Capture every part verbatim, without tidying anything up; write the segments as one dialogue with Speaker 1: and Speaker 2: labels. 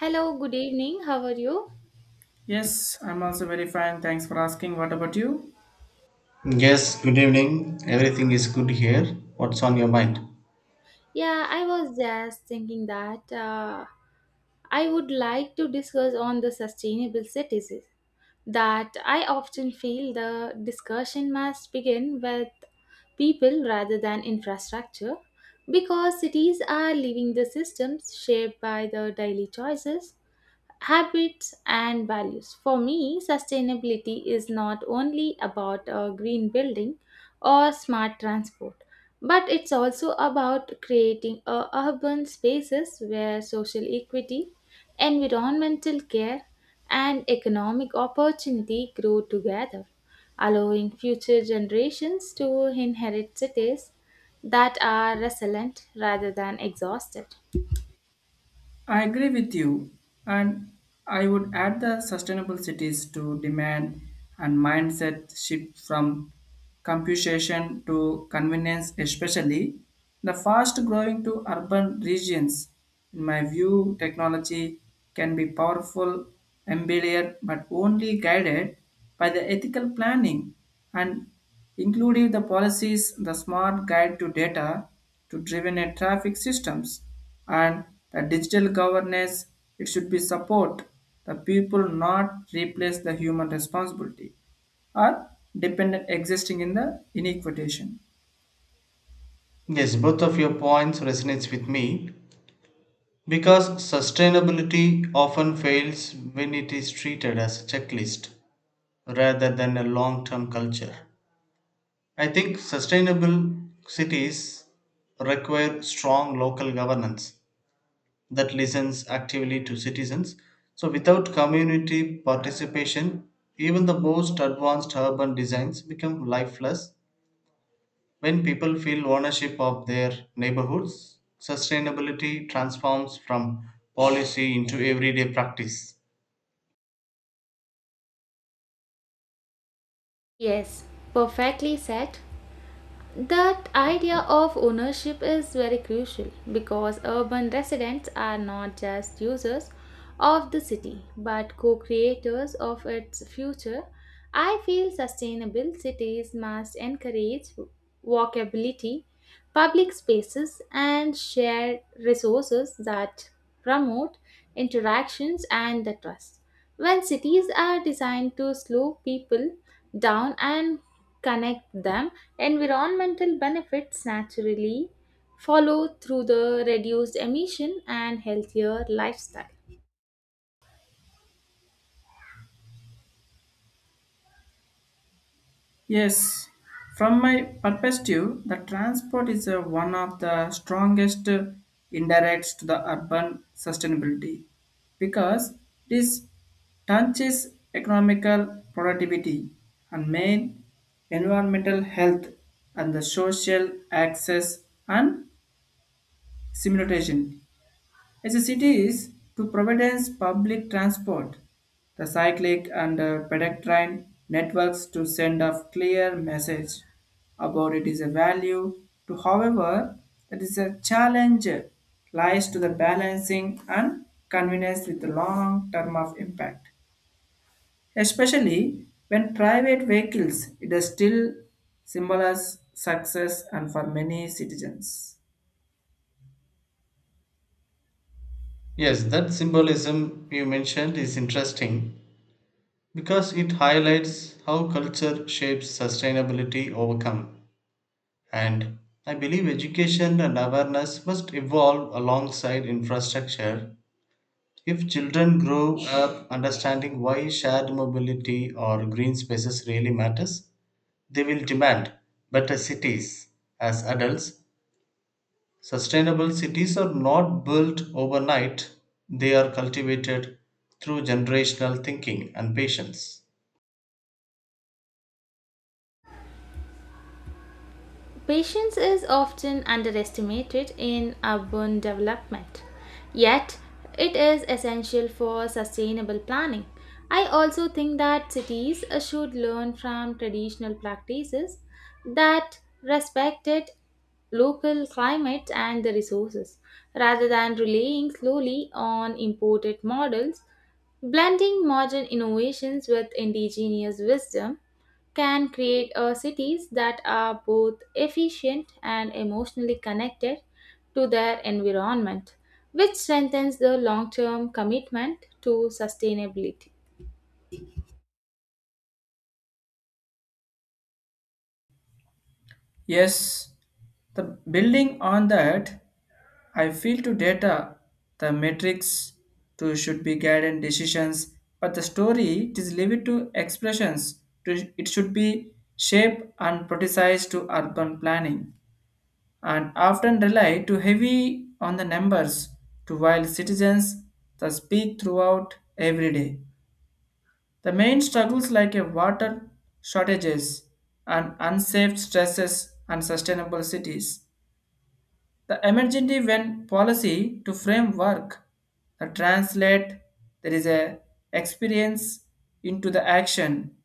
Speaker 1: Hello, good evening. How are you?
Speaker 2: Yes, I'm also very fine. Thanks for asking. What about you?
Speaker 3: Yes, good evening. Everything is good here. What's on your mind?
Speaker 1: Yeah, I was just thinking that uh, I would like to discuss on the sustainable cities. That I often feel the discussion must begin with people rather than infrastructure, because cities are living the systems shaped by the daily choices, habits and values. For me, sustainability is not only about uh, green building or smart transport, but it's also about creating uh, urban spaces where social equity, environmental care, and economic opportunity grow together, allowing future generations to inherit cities that are resilient rather than exhausted.
Speaker 2: I agree with you. And I would add the sustainable cities to demand and mindset shift from computation to convenience, especially the fast growing to urban regions. In my view, technology can be powerful, embedded, but only guided by the ethical planning and including the policies, the smart guide to data to driven a traffic systems and the digital governance it should be support the people not replace the human responsibility or dependent existing in the inequitation.
Speaker 3: Yes, both of your points resonates with me because sustainability often fails when it is treated as a checklist rather than a long-term culture. I think sustainable cities require strong local governance that listens actively to citizens. So without community participation, even the most advanced urban designs become lifeless. When people feel ownership of their neighborhoods, sustainability transforms from policy into everyday practice.
Speaker 1: Yes, perfectly said. That idea of ownership is very crucial, because urban residents are not just users of the city but co creators of its future. I feel sustainable cities must encourage walkability, public spaces, and shared resources that promote interactions and the trust. When cities are designed to slow people down and connect them, environmental benefits naturally follow through the reduced emission and healthier lifestyle.
Speaker 2: Yes, from my perspective, the transport is uh, one of the strongest uh, indirects to the urban sustainability because this touches economical productivity and main environmental health and the social access and simulation as a cities to Providence public transport, the cyclic and uh, pedestrian networks to send a clear message about it is a value to however that is a challenge uh, lies to the balancing and convenience with the long term of impact, especially when private vehicles it is still symbolizes success and for many citizens.
Speaker 3: Yes, that symbolism you mentioned is interesting because it highlights how culture shapes sustainability overcome. And I believe education and awareness must evolve alongside infrastructure. If children grow up understanding why shared mobility or green spaces really matters, they will demand better cities as adults. Sustainable cities are not built overnight, they are cultivated through generational thinking and patience.
Speaker 1: Patience is often underestimated in urban development, yet it is essential for sustainable planning. I also think that cities uh, should learn from traditional practices that respected local climate and the resources rather than relying slowly on imported models. Blending modern innovations with indigenous wisdom can create uh, cities that are both efficient and emotionally connected to their environment, which strengthens the long term commitment to sustainability.
Speaker 2: Yes, the building on that, I feel to data, the metrics to should be guided decisions, but the story it is limited to expressions. To, it should be shaped and politicized to urban planning, and often rely too heavy on the numbers. To while citizens the speak throughout every day, the main struggles like a water shortages and unsafe stresses and sustainable cities the emergency when policy to framework, the translate, there is a experience into the action,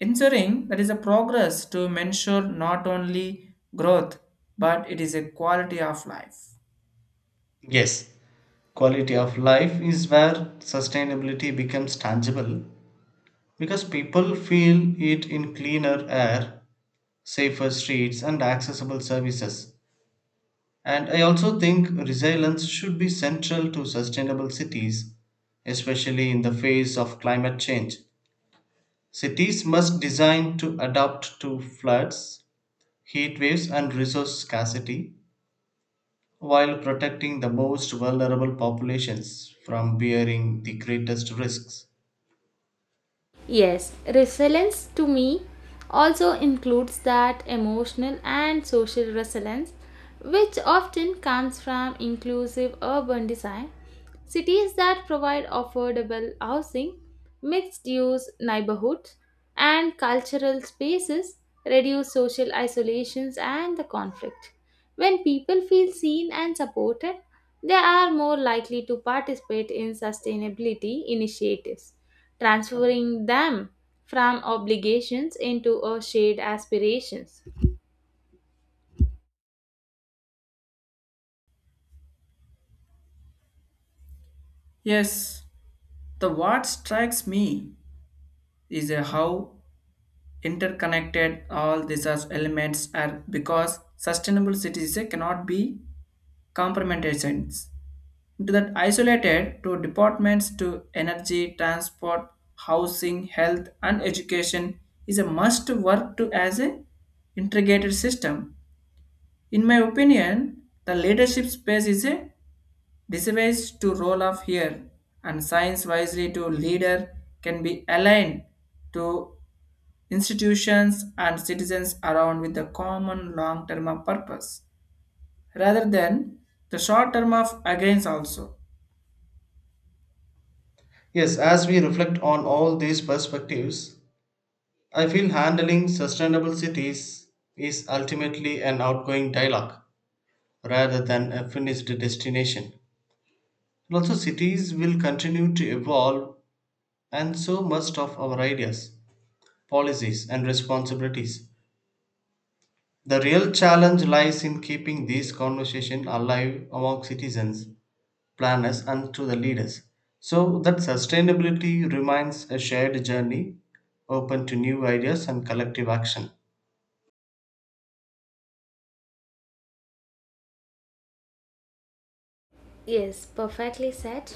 Speaker 2: ensuring there is a progress to ensure not only growth but it is a quality of life.
Speaker 3: Yes, quality of life is where sustainability becomes tangible because people feel it in cleaner air, safer streets, and accessible services. And I also think resilience should be central to sustainable cities, especially in the face of climate change. Cities must design to adapt to floods, heat waves, and resource scarcity while protecting the most vulnerable populations from bearing the greatest risks.
Speaker 1: Yes, resilience to me also includes that emotional and social resilience, which often comes from inclusive urban design. Cities that provide affordable housing, mixed use neighborhoods, and cultural spaces reduce social isolations and the conflict. When people feel seen and supported, they are more likely to participate in sustainability initiatives, transferring them from obligations into a shared aspirations.
Speaker 2: Yes, the what strikes me is a how interconnected all these are elements are because sustainable cities uh, cannot be compromised into that isolated to departments to energy, transport, housing, health, and education is a must work to as a integrated system. In my opinion, the leadership space is a device to role of here, and science wisely to leader can be aligned to institutions and citizens around with the common long term of purpose rather than the short term of against also.
Speaker 3: Yes, as we reflect on all these perspectives, I feel handling sustainable cities is ultimately an outgoing dialogue rather than a finished destination. And also, cities will continue to evolve, and so must of our ideas, policies, and responsibilities. The real challenge lies in keeping these conversations alive among citizens, planners, and to the leaders, so that sustainability remains a shared journey open to new ideas and collective action.
Speaker 1: Yes, perfectly said.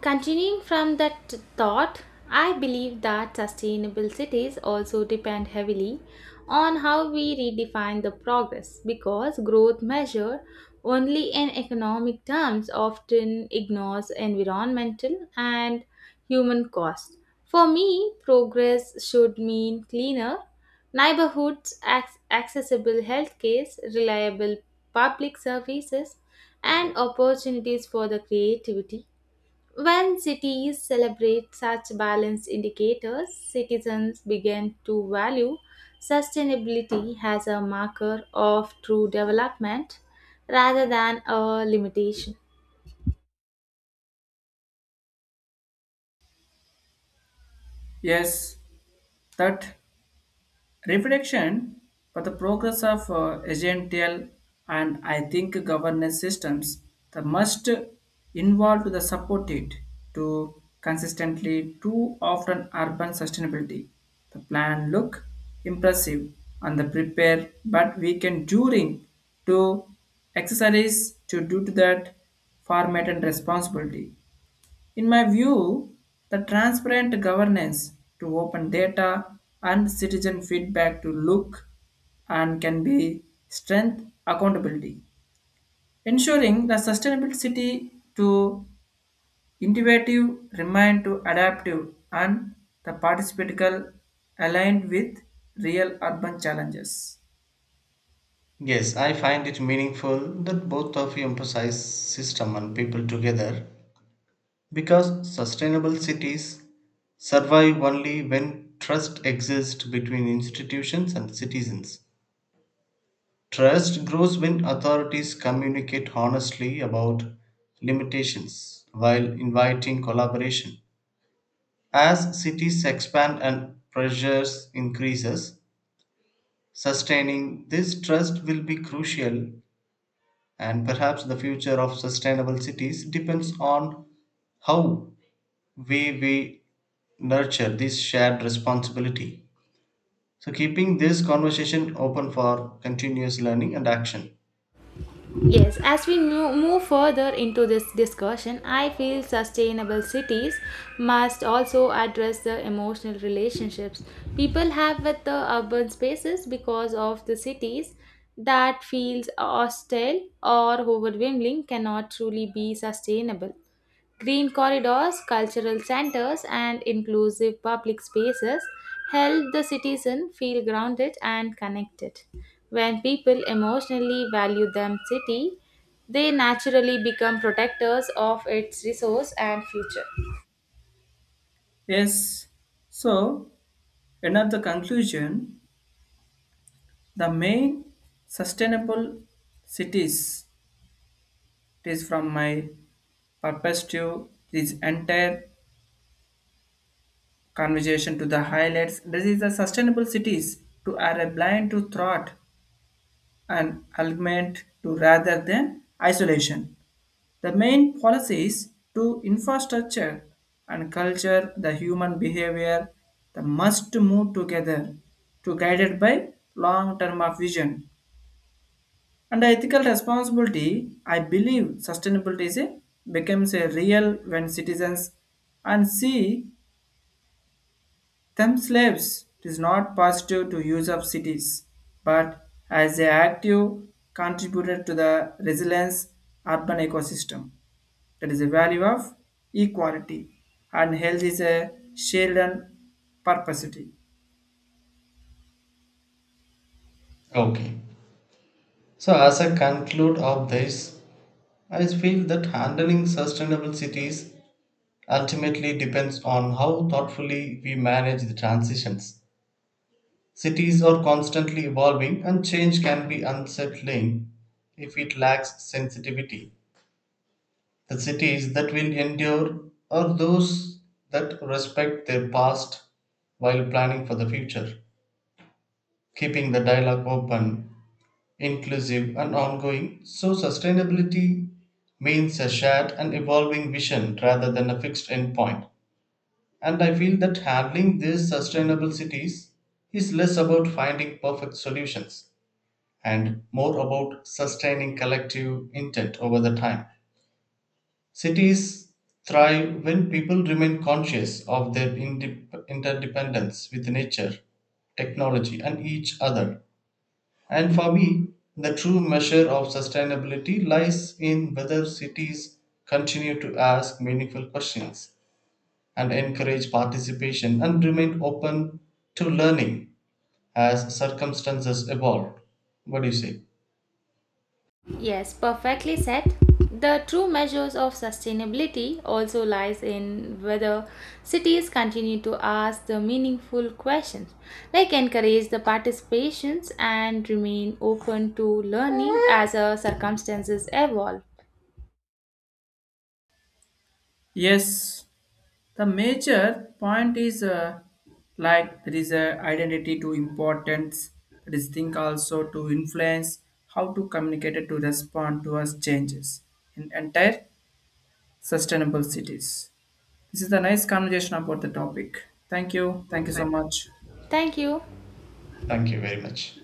Speaker 1: Continuing from that thought, I believe that sustainable cities also depend heavily on how we redefine the progress, because growth measured only in economic terms often ignores environmental and human costs. For me, progress should mean cleaner neighborhoods, ac- accessible healthcare, reliable public services, and opportunities for the creativity. When cities celebrate such balanced indicators, citizens begin to value sustainability as a marker of true development rather than a limitation.
Speaker 2: Yes, that reflection for the progress of uh, agential, and I think governance systems that must involve to the support it to consistently too often urban sustainability. The plan look impressive and the prepare, but we can during to exercise to do to that format and responsibility. In my view, the transparent governance to open data and citizen feedback to look and can be strength accountability. Ensuring the sustainable city to innovative remain to adaptive and the participatical aligned with real urban challenges.
Speaker 3: Yes, I find it meaningful that both of you emphasize system and people together because sustainable cities survive only when trust exists between institutions and citizens. Trust grows when authorities communicate honestly about limitations while inviting collaboration. As cities expand and pressures increases, sustaining this trust will be crucial, and perhaps the future of sustainable cities depends on how we we nurture this shared responsibility. So keeping this conversation open for continuous learning and action.
Speaker 1: Yes, as we mo- move further into this discussion, I feel sustainable cities must also address the emotional relationships people have with the urban spaces, because of the cities that feels hostile or overwhelming cannot truly be sustainable. Green corridors, cultural centers, and inclusive public spaces help the citizen feel grounded and connected. When people emotionally value their city, they naturally become protectors of its resource and future.
Speaker 2: Yes, so end of the conclusion, the main sustainable cities, it is from my perspective, this entire conversation to the highlights. This is the sustainable cities to are a blind to thought and augment to rather than isolation. The main policies to infrastructure and culture, the human behavior, the must move together to guided by long term of vision under ethical responsibility. I believe sustainability is a, becomes a real when citizens and see themselves. It is not positive to use of cities, but as a active contributor to the resilience urban ecosystem. That is a value of equality and health is a shared and purposity.
Speaker 3: Okay. So, as I conclude of this, I feel that handling sustainable cities ultimately depends on how thoughtfully we manage the transitions. Cities are constantly evolving, and change can be unsettling if it lacks sensitivity. The cities that will endure are those that respect their past while planning for the future, keeping the dialogue open, inclusive, and ongoing. So, sustainability means a shared and evolving vision rather than a fixed endpoint. And I feel that handling these sustainable cities is less about finding perfect solutions and more about sustaining collective intent over the time. Cities thrive when people remain conscious of their indep- interdependence with nature, technology, and each other, and for me, the true measure of sustainability lies in whether cities continue to ask meaningful questions and encourage participation and remain open to learning as circumstances evolve. What do you say?
Speaker 1: Yes, perfectly said. The true measures of sustainability also lies in whether cities continue to ask the meaningful questions, like encourage the participations and remain open to learning as the circumstances evolve.
Speaker 2: Yes, the major point is uh, like there is a identity to importance that is think also to influence how to communicate it to respond to us changes in entire sustainable cities. This is a nice conversation about the topic. Thank you. Thank you so much.
Speaker 1: Thank you.
Speaker 3: Thank you very much.